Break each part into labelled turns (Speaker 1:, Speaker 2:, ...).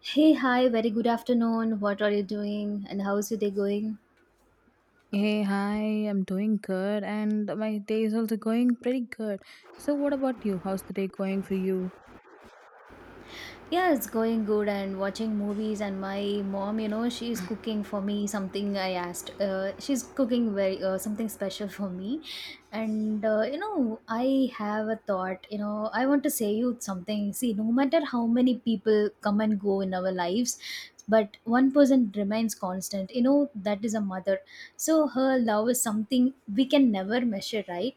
Speaker 1: Hey, hi, very good afternoon. What are you doing and how's your day going?
Speaker 2: Hey, hi, I'm doing good and my day is also going pretty good. So, what about you? How's the day going for you?
Speaker 1: Yeah, it's going good and watching movies and my mom, you know, she's cooking for me something I asked. She's cooking very something special for me. And you know, I have a thought, you know, I want to say you something. See, no matter how many people come and go in our lives, but one person remains constant. You know, that is a mother. So her love is something we can never measure, right?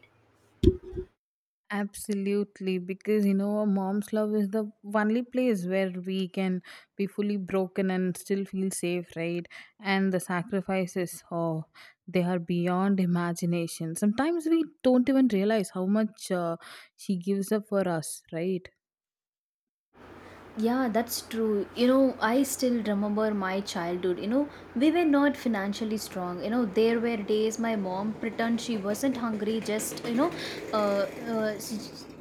Speaker 2: Absolutely, because you know, a mom's love is the only place where we can be fully broken and still feel safe, right? And the sacrifices, oh, they are beyond imagination. Sometimes we don't even realize how much she gives up for us, right?
Speaker 1: Yeah, that's true. You know, I still remember my childhood. You know, we were not financially strong. You know, there were days my mom pretend she wasn't hungry, just, you know,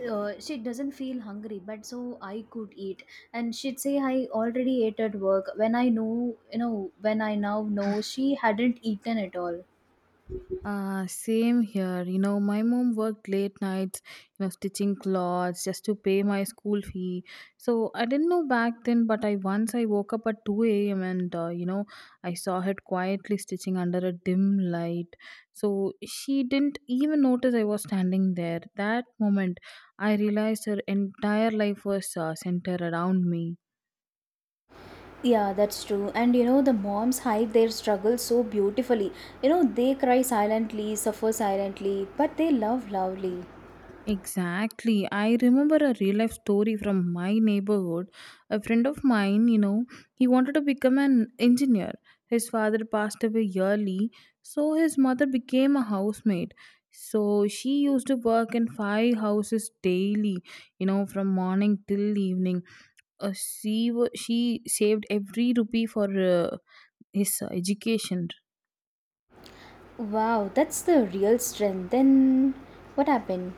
Speaker 1: she doesn't feel hungry, but so I could eat. And she'd say, I already ate at work. When I know, you know, when I now know she hadn't eaten at all.
Speaker 2: Same here. You know, my mom worked late nights, you know, stitching clothes just to pay my school fee. So I didn't know back then, but I once I woke up at 2 a.m. and, you know, I saw her quietly stitching under a dim light. So she didn't even notice I was standing there. That moment, I realized her entire life was centered around me.
Speaker 1: Yeah, that's true. And you know, the moms hide their struggle so beautifully. You know, they cry silently, suffer silently, but they love loudly.
Speaker 2: Exactly. I remember a real life story from my neighborhood. A friend of mine, you know, he wanted to become an engineer. His father passed away yearly, so his mother became a housemaid. So she used to work in five houses daily, you know, from morning till evening. She saved every rupee for his education.
Speaker 1: Wow, that's the real strength. Then what happened?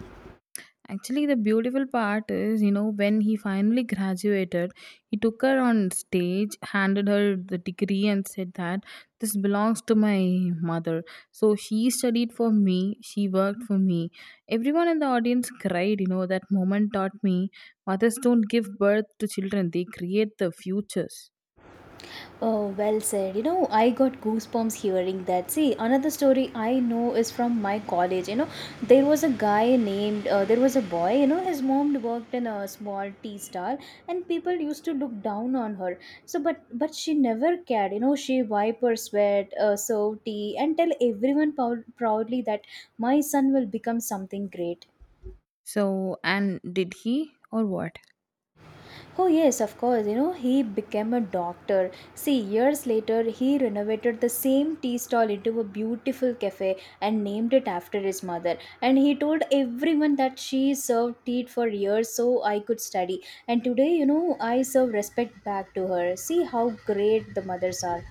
Speaker 2: Actually, the beautiful part is, you know, when he finally graduated, he took her on stage, handed her the degree, and said that this belongs to my mother. So she studied for me, she worked for me. Everyone in the audience cried, you know, that moment taught me mothers don't give birth to children, they create the futures.
Speaker 1: Oh, well said. You know, I got goosebumps hearing that. See, another story I know is from my college. You know, there was a guy named, there was a boy, you know, his mom worked in a small tea stall and people used to look down on her. So, but she never cared. You know, she wiped her sweat, served tea, and tell everyone proudly that my son will become something great.
Speaker 2: So, and did he or what?
Speaker 1: Oh, yes, of course. You know, he became a doctor. See, years later, he renovated the same tea stall into a beautiful cafe and named it after his mother. And he told everyone that she served tea for years so I could study. And today, you know, I serve respect back to her. See how great the mothers are.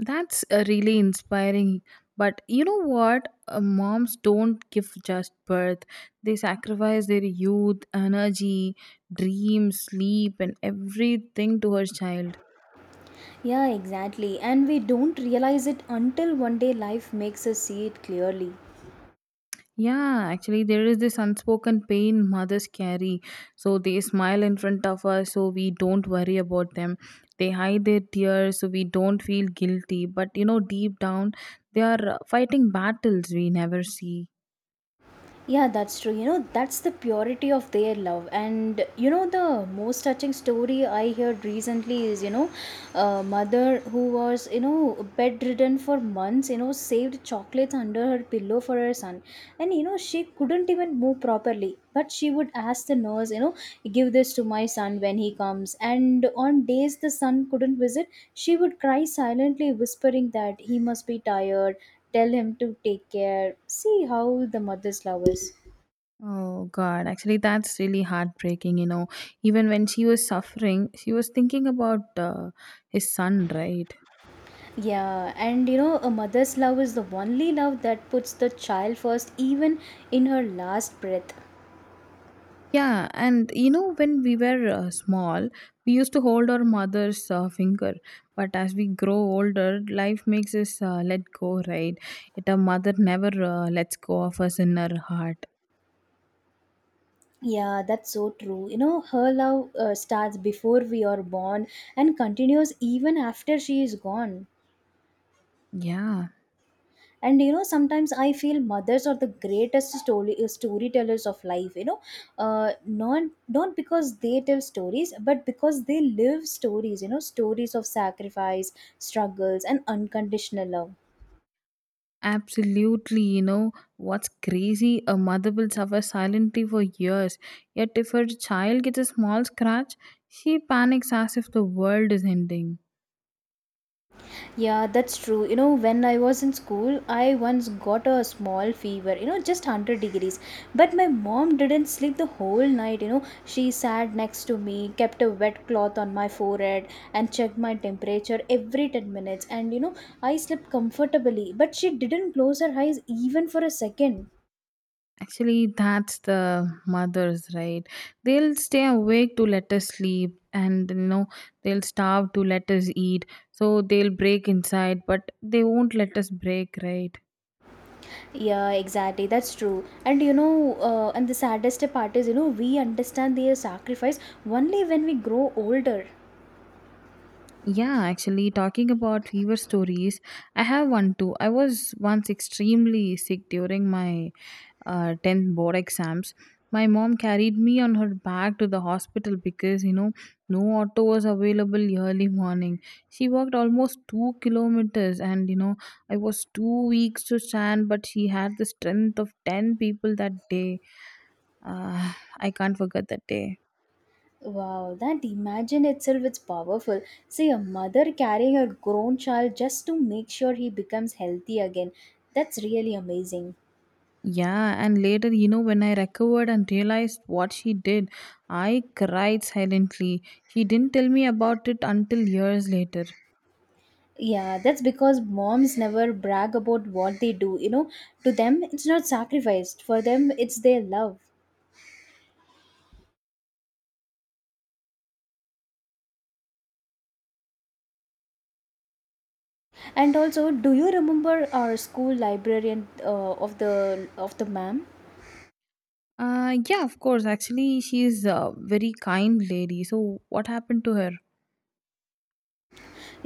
Speaker 2: That's really inspiring. But you know what? Moms don't give just birth. They sacrifice their youth, energy, dreams, sleep, and everything to her child.
Speaker 1: Yeah, exactly. And we don't realize it until one day life makes us see it clearly.
Speaker 2: Yeah, actually, there is this unspoken pain mothers carry. So they smile in front of us, so we don't worry about them. They hide their tears, so we don't feel guilty. But you know, deep down, they are fighting battles we never see.
Speaker 1: Yeah, that's true. You know, that's the purity of their love. And you know, the most touching story I heard recently is, you know, a mother who was, you know, bedridden for months, you know, saved chocolates under her pillow for her son. And, you know, she couldn't even move properly. But she would ask the nurse, you know, give this to my son when he comes. And on days the son couldn't visit, she would cry silently, whispering that he must be tired, tell him to take care. See how the mother's love is.
Speaker 2: Oh God, actually, that's really heartbreaking. You know, even when she was suffering, she was thinking about his son, right?
Speaker 1: Yeah, and you know, a mother's love is the only love that puts the child first, even in her last breath.
Speaker 2: Yeah, and you know, when we were small, we used to hold our mother's finger. But as we grow older, life makes us let go, right? Yet our mother never lets go of us in her heart.
Speaker 1: Yeah, that's so true. You know, her love starts before we are born and continues even after she is gone.
Speaker 2: Yeah.
Speaker 1: And you know, sometimes I feel mothers are the greatest story storytellers of life, you know, not because they tell stories but because they live stories, you know, stories of sacrifice, struggles and unconditional love.
Speaker 2: Absolutely, you know what's crazy? A mother will suffer silently for years, yet, if her child gets a small scratch, she panics as if the world is ending.
Speaker 1: Yeah, that's true. You know, when I was in school, I once got a small fever, you know, just 100 degrees. But my mom didn't sleep the whole night, you know. She sat next to me, kept a wet cloth on my forehead, and checked my temperature every 10 minutes. And, you know, I slept comfortably, but she didn't close her eyes even for a second.
Speaker 2: Actually, that's the mothers, right? They'll stay awake to let us sleep, and you know, they'll starve to let us eat, so they'll break inside, but they won't let us break, right?
Speaker 1: Yeah, exactly. That's true. And, you know, and the saddest part is, you know, we understand their sacrifice only when we grow older.
Speaker 2: Yeah, actually, talking about fever stories, I have one too. I was once extremely sick during my 10th board exams. My mom carried me on her back to the hospital because you know no auto was available early morning. She walked almost 2 kilometers, and you know, I was 2 weeks to stand, but she had the strength of 10 people that day. uh, I can't forget that day.
Speaker 1: Wow, that imagine itself is powerful. See, a mother carrying her grown child just to make sure he becomes healthy again. That's really amazing.
Speaker 2: Yeah, and later, you know, when I recovered and realized what she did, I cried silently. She didn't tell me about it until years later.
Speaker 1: Yeah, that's because moms never brag about what they do. You know, to them, it's not sacrificed. For them, it's their love. And also, do you remember our school librarian of the ma'am?
Speaker 2: Yeah, of course. Actually, she's a very kind lady. So, what happened to her?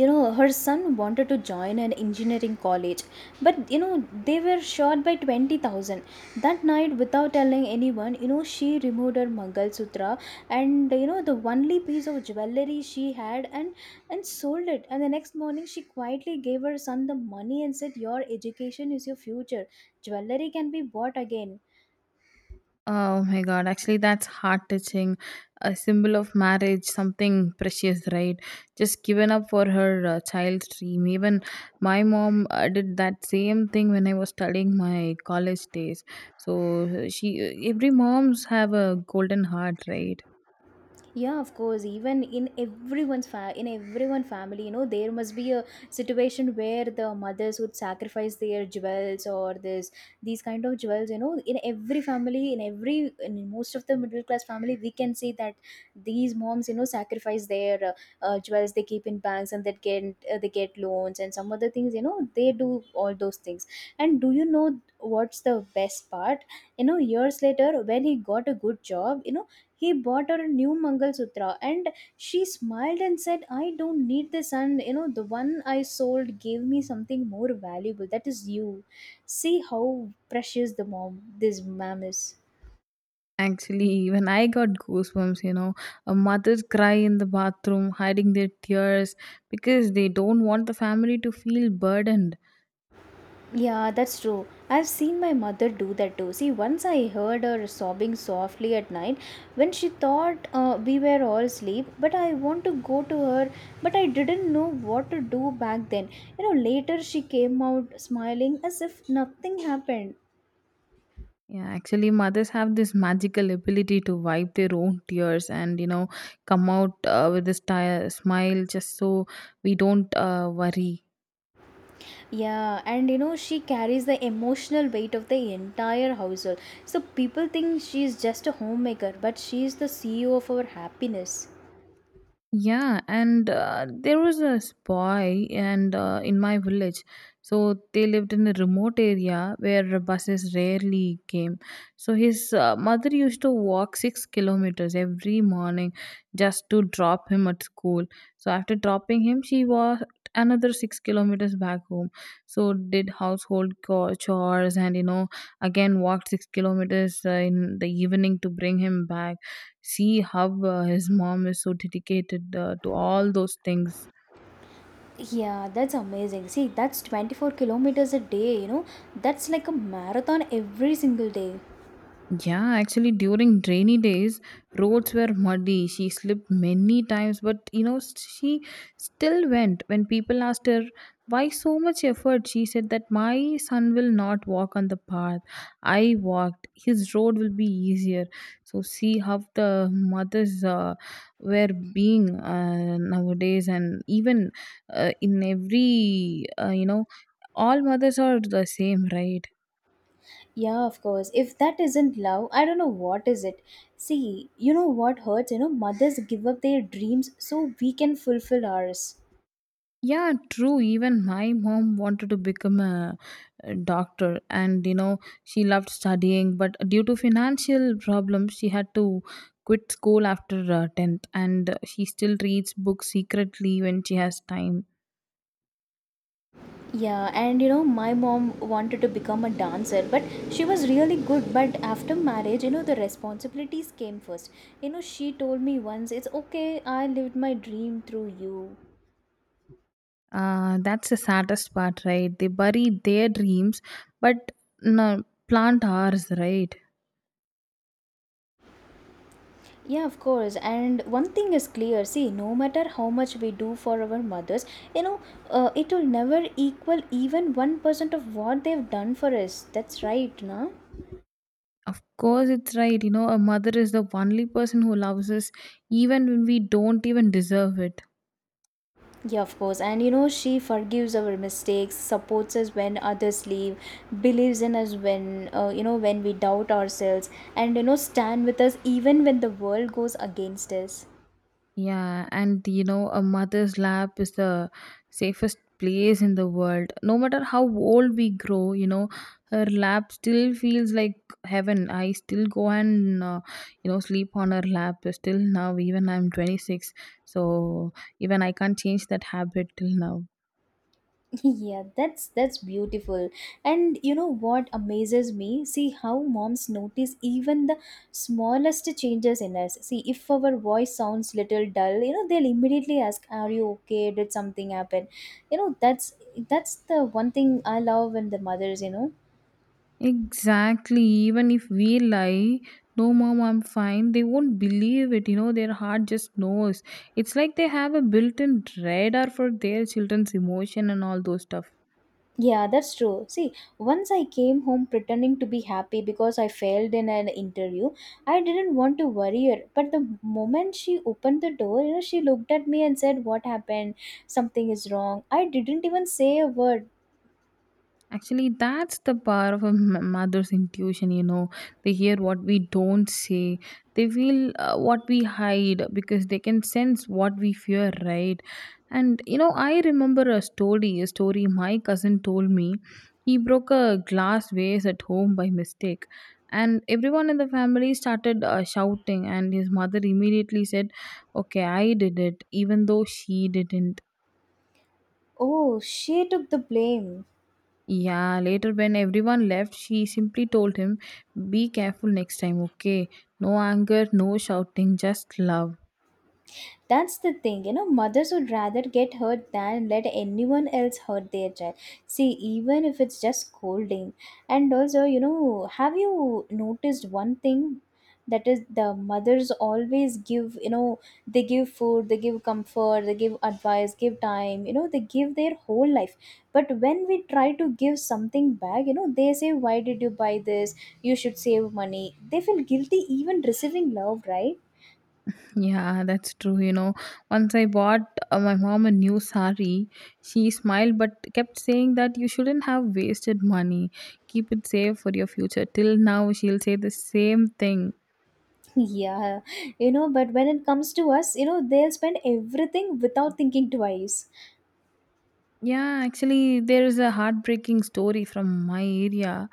Speaker 1: You know, her son wanted to join an engineering college, but you know, they were shot by 20,000 that night. Without telling anyone, you know, she removed her mangal sutra, and you know, the only piece of jewelry she had, and sold it. And the next morning she quietly gave her son the money and said, your education is your future, jewelry can be bought again.
Speaker 2: Oh my god, actually, that's heart touching. A symbol of marriage, something precious, right? Just given up for her child's dream. Even my mom did that same thing when I was studying my college days. So, she every moms have a golden heart, right?
Speaker 1: Yeah, of course. Even in everyone's in everyone family, you know, there must be a situation where the mothers would sacrifice their jewels or this, these kind of jewels, you know, in every family, in every, in most of the middle class family, we can see that these moms, you know, sacrifice their jewels. They keep in banks and they get, they get loans and some other things, you know, they do all those things. And do you know what's the best part? You know, years later when he got a good job, you know, he bought her a new Mangalsutra. And she smiled and said, I don't need this. And you know, the one I sold gave me something more valuable. That is you. See how precious the mom, this mom is.
Speaker 2: Actually, even I got goosebumps, you know. A mother's cry in the bathroom, hiding their tears because they don't want the family to feel burdened.
Speaker 1: Yeah, that's true. I've seen my mother do that too. See, once I heard her sobbing softly at night when she thought we were all asleep, but I want to go to her, but I didn't know what to do back then. You know, later she came out smiling as if nothing happened.
Speaker 2: Yeah, actually, mothers have this magical ability to wipe their own tears and, you know, come out with this smile just so we don't worry.
Speaker 1: Yeah, and you know, she carries the emotional weight of the entire household. So people think she is just a homemaker, but she is the CEO of our happiness.
Speaker 2: Yeah, and there was a boy, and in my village, so they lived in a remote area where buses rarely came. So his mother used to walk 6 kilometers every morning just to drop him at school. So after dropping him, she walked another 6 kilometers back home. So did household chores, and you know again walked 6 kilometers in the evening to bring him back. See how his mom is so dedicated to all those things.
Speaker 1: Yeah, that's amazing. See, that's 24 kilometers a day, you know, that's like a marathon every single day.
Speaker 2: Yeah, actually, during rainy days, roads were muddy. She slipped many times, but you know, she still went. When people asked her, why so much effort? She said that my son will not walk on the path I walked. His road will be easier. So, see how the mothers were being nowadays, and even in every, you know, all mothers are the same, right?
Speaker 1: Yeah, of course. If that isn't love, I don't know what is it. See, you know what hurts? You know, mothers give up their dreams so we can fulfill ours.
Speaker 2: Yeah, true. Even my mom wanted to become a doctor, and you know, she loved studying, but due to financial problems, she had to quit school after 10th, and she still reads books secretly when she has time.
Speaker 1: Yeah, and you know, my mom wanted to become a dancer, but she was really good. But after marriage, you know, the responsibilities came first. You know, she told me once, it's okay, I lived my dream through you.
Speaker 2: That's the saddest part, right? They bury their dreams, but no, plant ours, right?
Speaker 1: Yeah, of course. And one thing is clear, see, no matter how much we do for our mothers, you know, it will never equal even 1% of what they've done for us. That's right, na?
Speaker 2: Of course, it's right. You know, a mother is the only person who loves us, even when we don't even deserve it.
Speaker 1: Yeah, of course. And you know, she forgives our mistakes, supports us when others leave, believes in us when, you know, when we doubt ourselves, and you know, stand with us even when the world goes against us.
Speaker 2: Yeah, and you know, a mother's lap is the safest place in the world. No matter how old we grow, you know, her lap still feels like heaven. I still go and, you know, sleep on her lap still now, even I'm 26. So even I can't change that habit till now.
Speaker 1: Yeah, that's beautiful. And you know what amazes me? See how moms notice even the smallest changes in us. See, if our voice sounds little dull, you know, they'll immediately ask, "Are you okay? Did something happen?" You know, that's the one thing I love in the mothers, you know.
Speaker 2: Exactly. Even if we lie, no, mom, I'm fine, they won't believe it. You know, their heart just knows. It's like they have a built in radar for their children's emotion and all those stuff.
Speaker 1: Yeah, that's true. See, once I came home pretending to be happy because I failed in an interview, I didn't want to worry her. But the moment she opened the door, you know, she looked at me and said, What happened? Something is wrong. I didn't even say a word.
Speaker 2: Actually, that's the power of a mother's intuition, you know. They hear what we don't say, they feel what we hide because they can sense what we fear, right? And, you know, I remember a story my cousin told me. He broke a glass vase at home by mistake. And everyone in the family started shouting, and his mother immediately said, okay, I did it, even though she didn't.
Speaker 1: Oh, she took the blame.
Speaker 2: Yeah, later when everyone left, she simply told him, be careful next time, okay? No anger, no shouting, just love.
Speaker 1: That's the thing, you know, mothers would rather get hurt than let anyone else hurt their child. See, even if it's just scolding. And also, you know, have you noticed one thing? That is, the mothers always give, you know, they give food, they give comfort, they give advice, give time, you know, they give their whole life. But when we try to give something back, you know, they say, Why did you buy this? You should save money. They feel guilty even receiving love, right?
Speaker 2: Yeah, that's true. You know, once I bought my mom a new sari, she smiled but kept saying that you shouldn't have wasted money. Keep it safe for your future. Till now, she'll say the same thing.
Speaker 1: Yeah, you know, but when it comes to us, you know, they'll spend everything without thinking twice.
Speaker 2: Yeah, actually, there is a heartbreaking story from my area.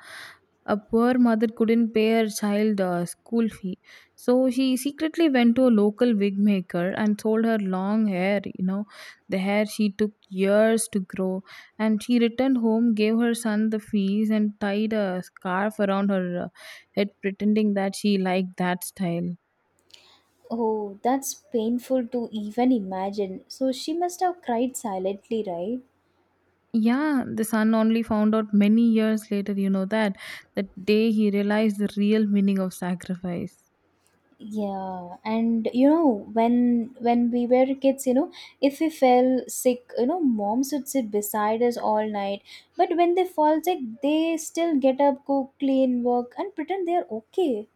Speaker 2: A poor mother couldn't pay her child school fee, so she secretly went to a local wig maker and sold her long hair. You know, the hair she took years to grow, and she returned home, gave her son the fees, and tied a scarf around her head, pretending that she liked that style.
Speaker 1: Oh, that's painful to even imagine. So she must have cried silently, right?
Speaker 2: Yeah, the son only found out many years later, you know that, that day he realized the real meaning of sacrifice.
Speaker 1: Yeah, and you know, when we were kids, you know, if we fell sick, you know, moms would sit beside us all night. But when they fall sick, they still get up, cook, clean, work, and pretend they are okay.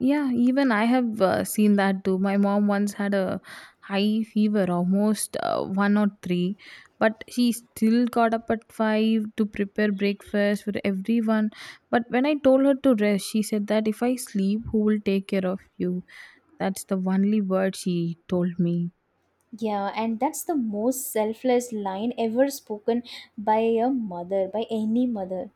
Speaker 2: Yeah, even I have seen that too. My mom once had a high fever, almost one or three, but she still got up at five to prepare breakfast for everyone. But when I told her to rest, she said that if I sleep, who will take care of you? That's the only word she told me.
Speaker 1: Yeah, and that's the most selfless line ever spoken by a mother, by any mother.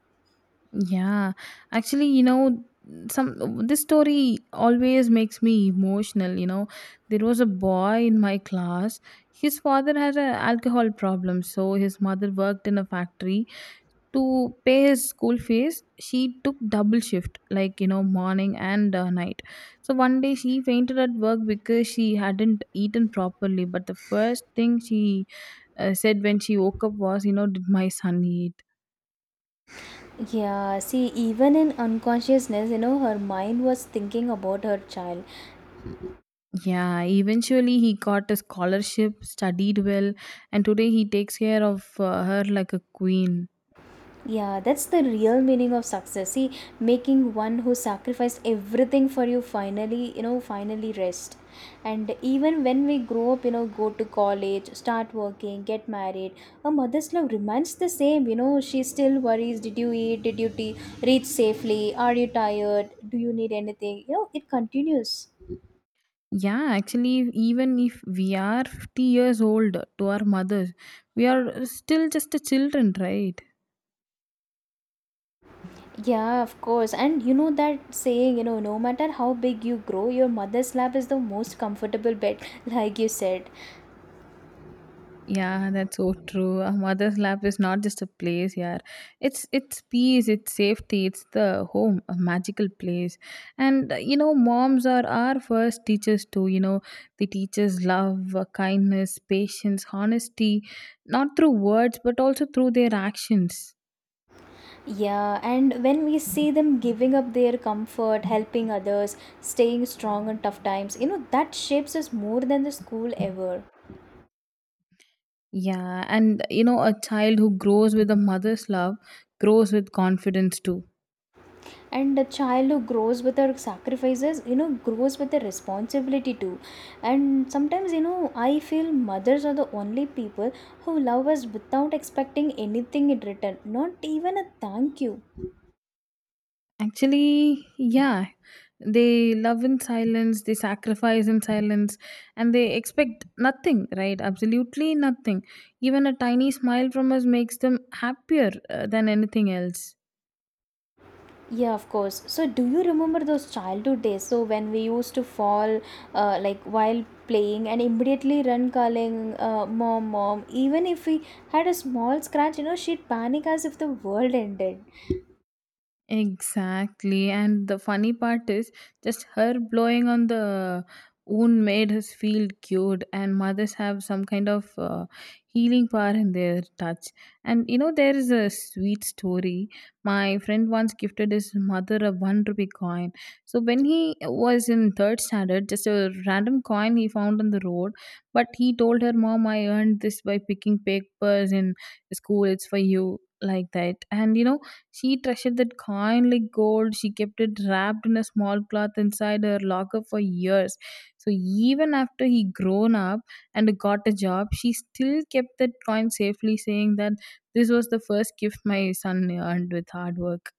Speaker 2: Yeah, actually, you know, some this story always makes me emotional. You know, there was a boy in my class. His father had an alcohol problem, so his mother worked in a factory to pay his school fees. She took double shift, like you know, morning and night. So one day she fainted at work because she hadn't eaten properly. But the first thing she said when she woke up was, you know, did my son eat?
Speaker 1: Yeah, see, even in unconsciousness, you know, her mind was thinking about her child.
Speaker 2: Yeah, eventually he got a scholarship, studied well, and today he takes care of her like a queen.
Speaker 1: Yeah, that's the real meaning of success. See, making one who sacrificed everything for you finally, you know, finally rest. And even when we grow up, you know, go to college, start working, get married, a mother's love remains the same. You know, she still worries, did you eat? Did you reach safely? Are you tired? Do you need anything? You know, it continues.
Speaker 2: Yeah, actually, even if we are 50 years old to our mothers, we are still just a children, right?
Speaker 1: Yeah, of course. And you know that saying, you know, no matter how big you grow, your mother's lap is the most comfortable bed, like you said.
Speaker 2: Yeah, that's so true. A mother's lap is not just a place, yeah. It's peace, it's safety, it's the home, a magical place. And you know, moms are our first teachers too. You know, they teach us love, kindness, patience, honesty, not through words but also through their actions.
Speaker 1: Yeah, and when we see them giving up their comfort, helping others, staying strong in tough times, you know, that shapes us more than the school ever.
Speaker 2: Yeah, and you know, a child who grows with a mother's love grows with confidence too.
Speaker 1: And the child who grows with her sacrifices, you know, grows with the responsibility too. And sometimes, you know, I feel mothers are the only people who love us without expecting anything in return, not even a thank you.
Speaker 2: Actually, yeah. They love in silence, they sacrifice in silence, and they expect nothing, right? Absolutely nothing. Even a tiny smile from us makes them happier than anything else.
Speaker 1: Yeah, of course. So, do you remember those childhood days? So, when we used to fall, like while playing, and immediately run calling, mom, mom. Even if we had a small scratch, you know, she'd panic as if the world ended.
Speaker 2: Exactly. And the funny part is just her blowing on the wound made us feel cured, and mothers have some kind of healing power in their touch. And you know, there is a sweet story. My friend once gifted his mother a one rupee coin. So when he was in third standard, just a random coin he found on the road, but he told her, "Mom, I earned this by picking papers in school, it's for you," like that. And you know, she treasured that coin like gold. She kept it wrapped in a small cloth inside her locker for years. So even after he grown up and got a job, she still kept that coin safely, saying that this was the first gift my son earned with hard work.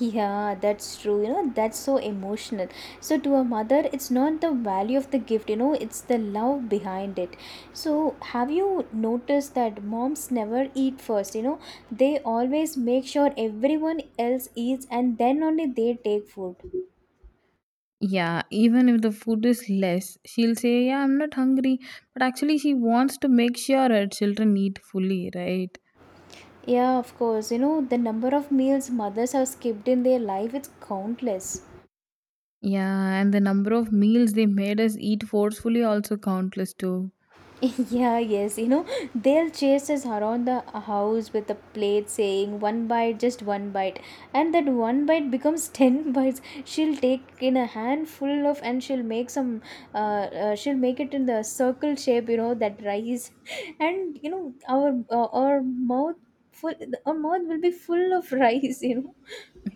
Speaker 1: Yeah, that's true. You know, that's so emotional. So, to a mother, it's not the value of the gift, you know, it's the love behind it. So, have you noticed that moms never eat first? You know, they always make sure everyone else eats and then only they take food.
Speaker 2: Yeah, even if the food is less, she'll say, "Yeah, I'm not hungry." But actually, she wants to make sure her children eat fully, right?
Speaker 1: Yeah, of course. You know, the number of meals mothers have skipped in their life, it's countless.
Speaker 2: Yeah, and the number of meals they made us eat forcefully also countless too.
Speaker 1: Yeah, yes, you know, they'll chase us around the house with a plate saying one bite, just one bite. And that one bite becomes 10 bites. She'll take in a handful of and she'll make some, she'll make it in the circle shape, you know, that rice. And, you know, our mouth full, our mouth will be full of rice, you know.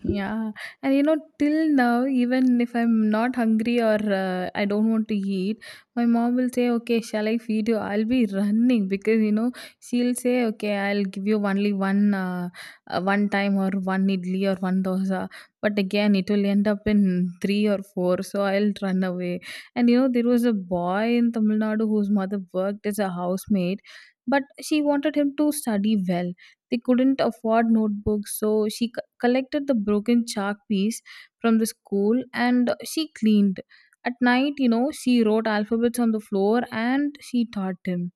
Speaker 2: Yeah, and you know, till now, even if I'm not hungry or I don't want to eat, my mom will say, "Okay, shall I feed you?" I'll be running because you know she'll say, "Okay, I'll give you only one time or one idli or one dosa," but again, it will end up in three or four, so I'll run away. And you know, there was a boy in Tamil Nadu whose mother worked as a housemaid, but she wanted him to study well. They couldn't afford notebooks, so she collected the broken chalk piece from the school and she cleaned. At night, you know, she wrote alphabets on the floor and she taught him.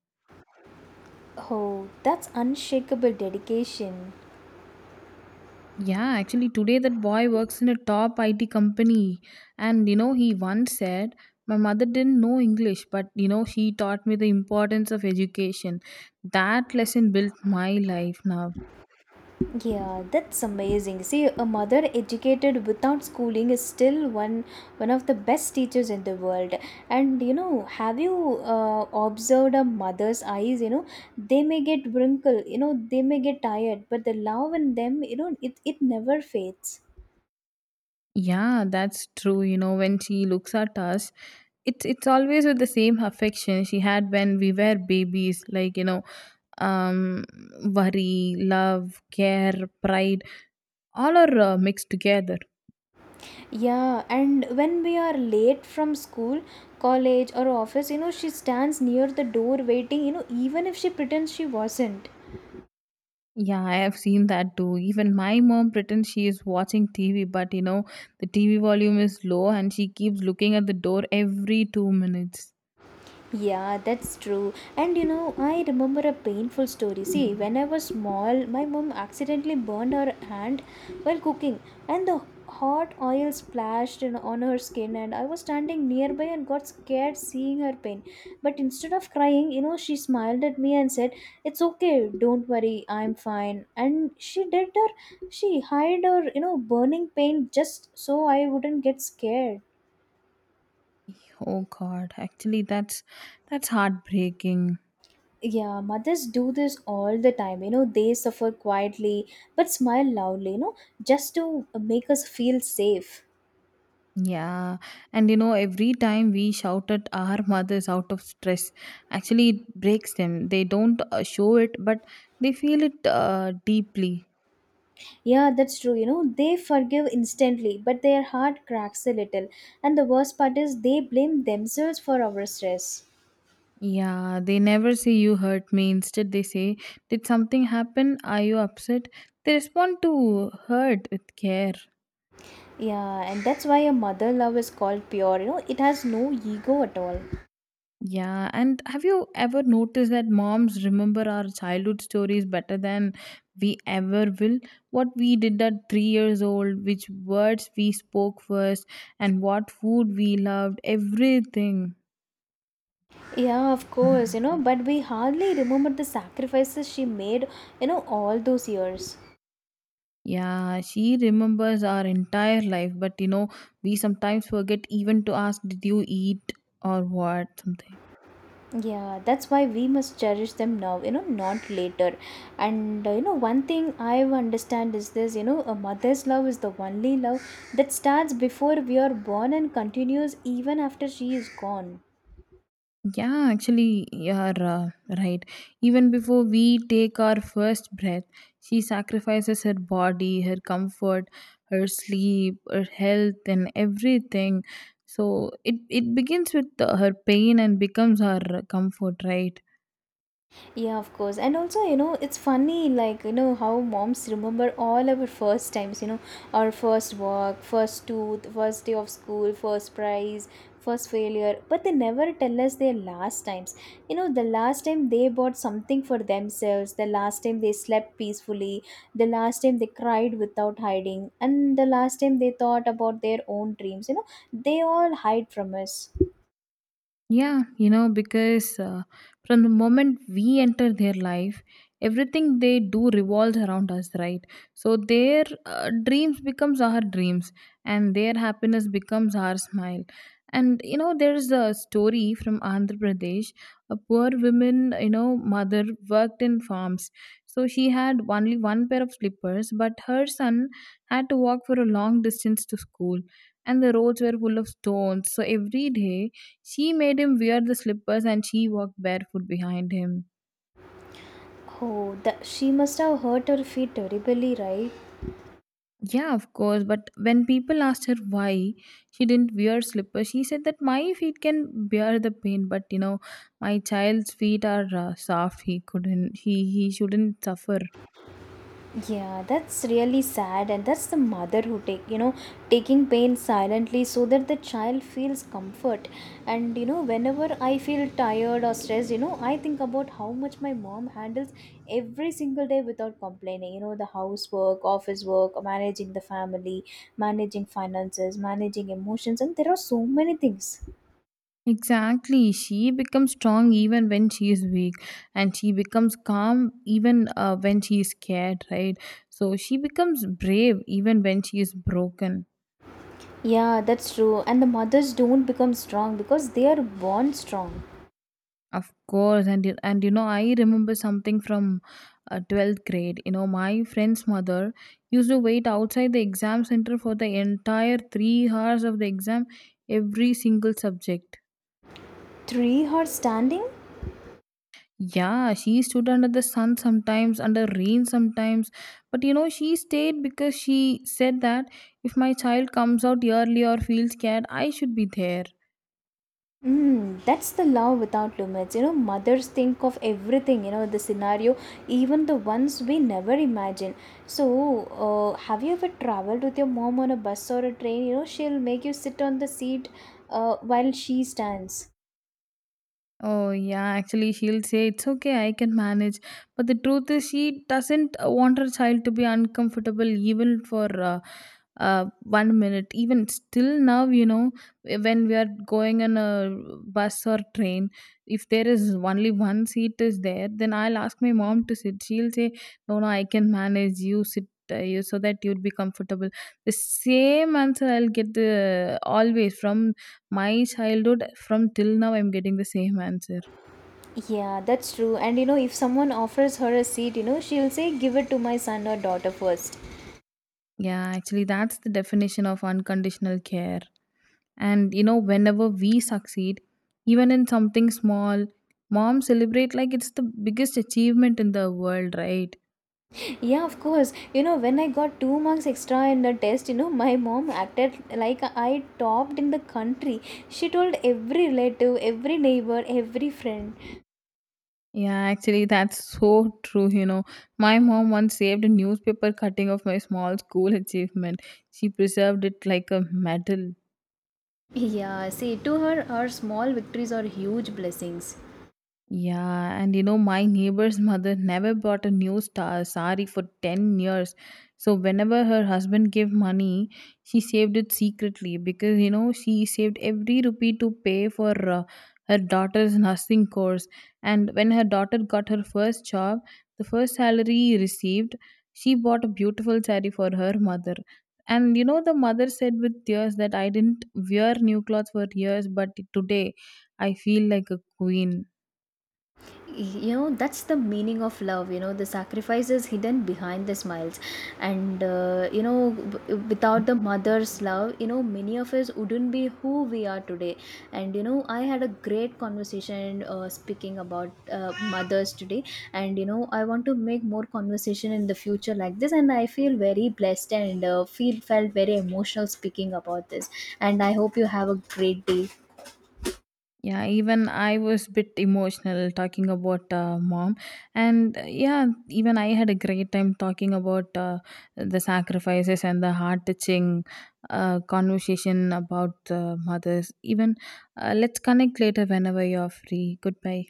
Speaker 1: Oh, that's unshakable dedication.
Speaker 2: Yeah, actually, today that boy works in a top IT company. And you know, he once said, "My mother didn't know English, but, you know, she taught me the importance of education. That lesson built my life now."
Speaker 1: Yeah, that's amazing. See, a mother educated without schooling is still one of the best teachers in the world. And you know, have you observed a mother's eyes? You know, they may get wrinkled. You know, they may get tired, but the love in them, you know, it never fades.
Speaker 2: Yeah, that's true. You know, when she looks at us, it's always with the same affection she had when we were babies. Like you know, um, worry, love, care, pride, all are mixed together.
Speaker 1: Yeah, and when we are late from school, college, or office, you know, she stands near the door waiting. You know, even if she pretends she wasn't.
Speaker 2: Yeah, I have seen that too. Even my mom pretends she is watching TV, but you know, the TV volume is low and she keeps looking at the door every 2 minutes.
Speaker 1: Yeah, that's true. And you know, I remember a painful story. See, when I was small, my mom accidentally burned her hand while cooking, and the hot oil splashed in, on her skin. And I was standing nearby and got scared seeing her pain. But instead of crying, you know, she smiled at me and said, "It's okay. Don't worry. I'm fine." And she hid her, you know, burning pain just so I wouldn't get scared.
Speaker 2: Oh god, actually that's heartbreaking.
Speaker 1: Yeah, mothers do this all the time. You know, they suffer quietly but smile loudly, you know, just to make us feel safe.
Speaker 2: Yeah. And you know, every time we shout at our mothers out of stress, actually it breaks them. They don't show it, but they feel it deeply.
Speaker 1: Yeah, that's true. You know, they forgive instantly, but their heart cracks a little. And the worst part is they blame themselves for our stress.
Speaker 2: Yeah, they never say you hurt me. Instead, they say, "Did something happen? Are you upset?" They respond to hurt with care.
Speaker 1: Yeah, and that's why a mother love is called pure. You know, it has no ego at all.
Speaker 2: Yeah, and have you ever noticed that moms remember our childhood stories better than we ever will? What we did at 3 years old, which words we spoke first, and what food we loved, everything.
Speaker 1: Yeah, of course, you know, but we hardly remember the sacrifices she made, you know, all those years.
Speaker 2: Yeah, she remembers our entire life, but you know, we sometimes forget even to ask, "Did you eat or what?" Something.
Speaker 1: Yeah, that's why we must cherish them now, you know, not later. And you know, one thing I understand is this, you know, a mother's love is the only love that starts before we are born and continues even after she is gone.
Speaker 2: Yeah, actually, you're uh, right. Even before we take our first breath, she sacrifices her body, her comfort, her sleep, her health, and everything. So it begins with her pain and becomes our comfort, right?
Speaker 1: Yeah, of course. And also, you know, it's funny, like, you know, how moms remember all our first times, you know, our first walk, first tooth, first day of school, first prize, first failure. But they never tell us their last times. You know, the last time they bought something for themselves, the last time they slept peacefully, the last time they cried without hiding, and the last time they thought about their own dreams. You know, they all hide from us.
Speaker 2: Yeah, you know, because from the moment we enter their life, everything they do revolves around us, right? So their dreams becomes our dreams, and their happiness becomes our smile. And you know, there's a story from Andhra Pradesh. A poor woman, you know, mother worked in farms, so she had only one pair of slippers, but her son had to walk for a long distance to school, and the roads were full of stones. So every day she made him wear the slippers and she walked barefoot behind him.
Speaker 1: Oh, that she must have hurt her feet terribly, right?
Speaker 2: Yeah, of course, but when people asked her why she didn't wear slippers, she said that my feet can bear the pain, but you know, my child's feet are soft. He couldn't, he shouldn't suffer.
Speaker 1: Yeah, that's really sad, and that's the mother who take you know taking pain silently so that the child feels comfort. And you know, whenever I feel tired or stressed, you know, I think about how much my mom handles every single day without complaining. You know, the housework, office work, managing the family, managing finances, managing emotions, and there are so many things.
Speaker 2: Exactly. She becomes strong even when she is weak, and she becomes calm even when she is scared, right? So she becomes brave even when she is broken.
Speaker 1: Yeah, that's true. And the mothers don't become strong because they are born strong.
Speaker 2: Of course, and you know, I remember something from 12th grade. You know, my friend's mother used to wait outside the exam center for the entire 3 hours of the exam, every single subject.
Speaker 1: Three are standing.
Speaker 2: Yeah, she stood under the sun sometimes, under rain sometimes, but you know, she stayed because she said that if my child comes out early or feels scared, I should be there.
Speaker 1: Mm, that's the love without limits. You know, mothers think of everything, you know, the scenario, even the ones we never imagine. So, have you ever traveled with your mom on a bus or a train? You know, she'll make you sit on the seat while she stands.
Speaker 2: Oh, yeah, actually, she'll say, "It's okay, I can manage." But the truth is, she doesn't want her child to be uncomfortable even for one minute. Even still now, you know, when we are going on a bus or train, if there is only one seat is there, then I'll ask my mom to sit. She'll say, "No, no, I can manage. You sit. You so that you'd be comfortable." The same answer I'll get always from my childhood from till now I'm getting the same answer.
Speaker 1: Yeah, that's true. And you know, if someone offers her a seat, you know, she'll say, Give it to my son or daughter first.
Speaker 2: Yeah, actually that's the definition of unconditional care. And you know, whenever we succeed, even in something small, mom celebrate like it's the biggest achievement in the world, right?
Speaker 1: Yeah, of course. You know, when I got two marks extra in the test, you know, my mom acted like I topped in the country. She told every relative, every neighbor, every friend.
Speaker 2: Yeah, actually that's so true, you know. My mom once saved a newspaper cutting of my small school achievement. She preserved it like a medal.
Speaker 1: Yeah, see, to her, her small victories are huge blessings.
Speaker 2: Yeah, and you know, my neighbor's mother never bought a new star sari for 10 years. So whenever her husband gave money, she saved it secretly because you know, she saved every rupee to pay for her daughter's nursing course. And when her daughter got her first job, the first salary received, she bought a beautiful sari for her mother. And you know, the mother said with tears that I didn't wear new clothes for years, but today I feel like a queen.
Speaker 1: You know that's the meaning of love, you know the sacrifice is hidden behind the smiles. And you know, without the mother's love, you know many of us wouldn't be who we are today. And you know I had a great conversation speaking about mothers today, and you know I want to make more conversation in the future like this, and I feel very blessed and feel felt very emotional speaking about this. And I hope you have a great day.
Speaker 2: Yeah, even I was bit emotional talking about mom, and yeah, even I had a great time talking about the sacrifices and the heart touching conversation about mothers. Even let's connect later whenever you're free. Goodbye.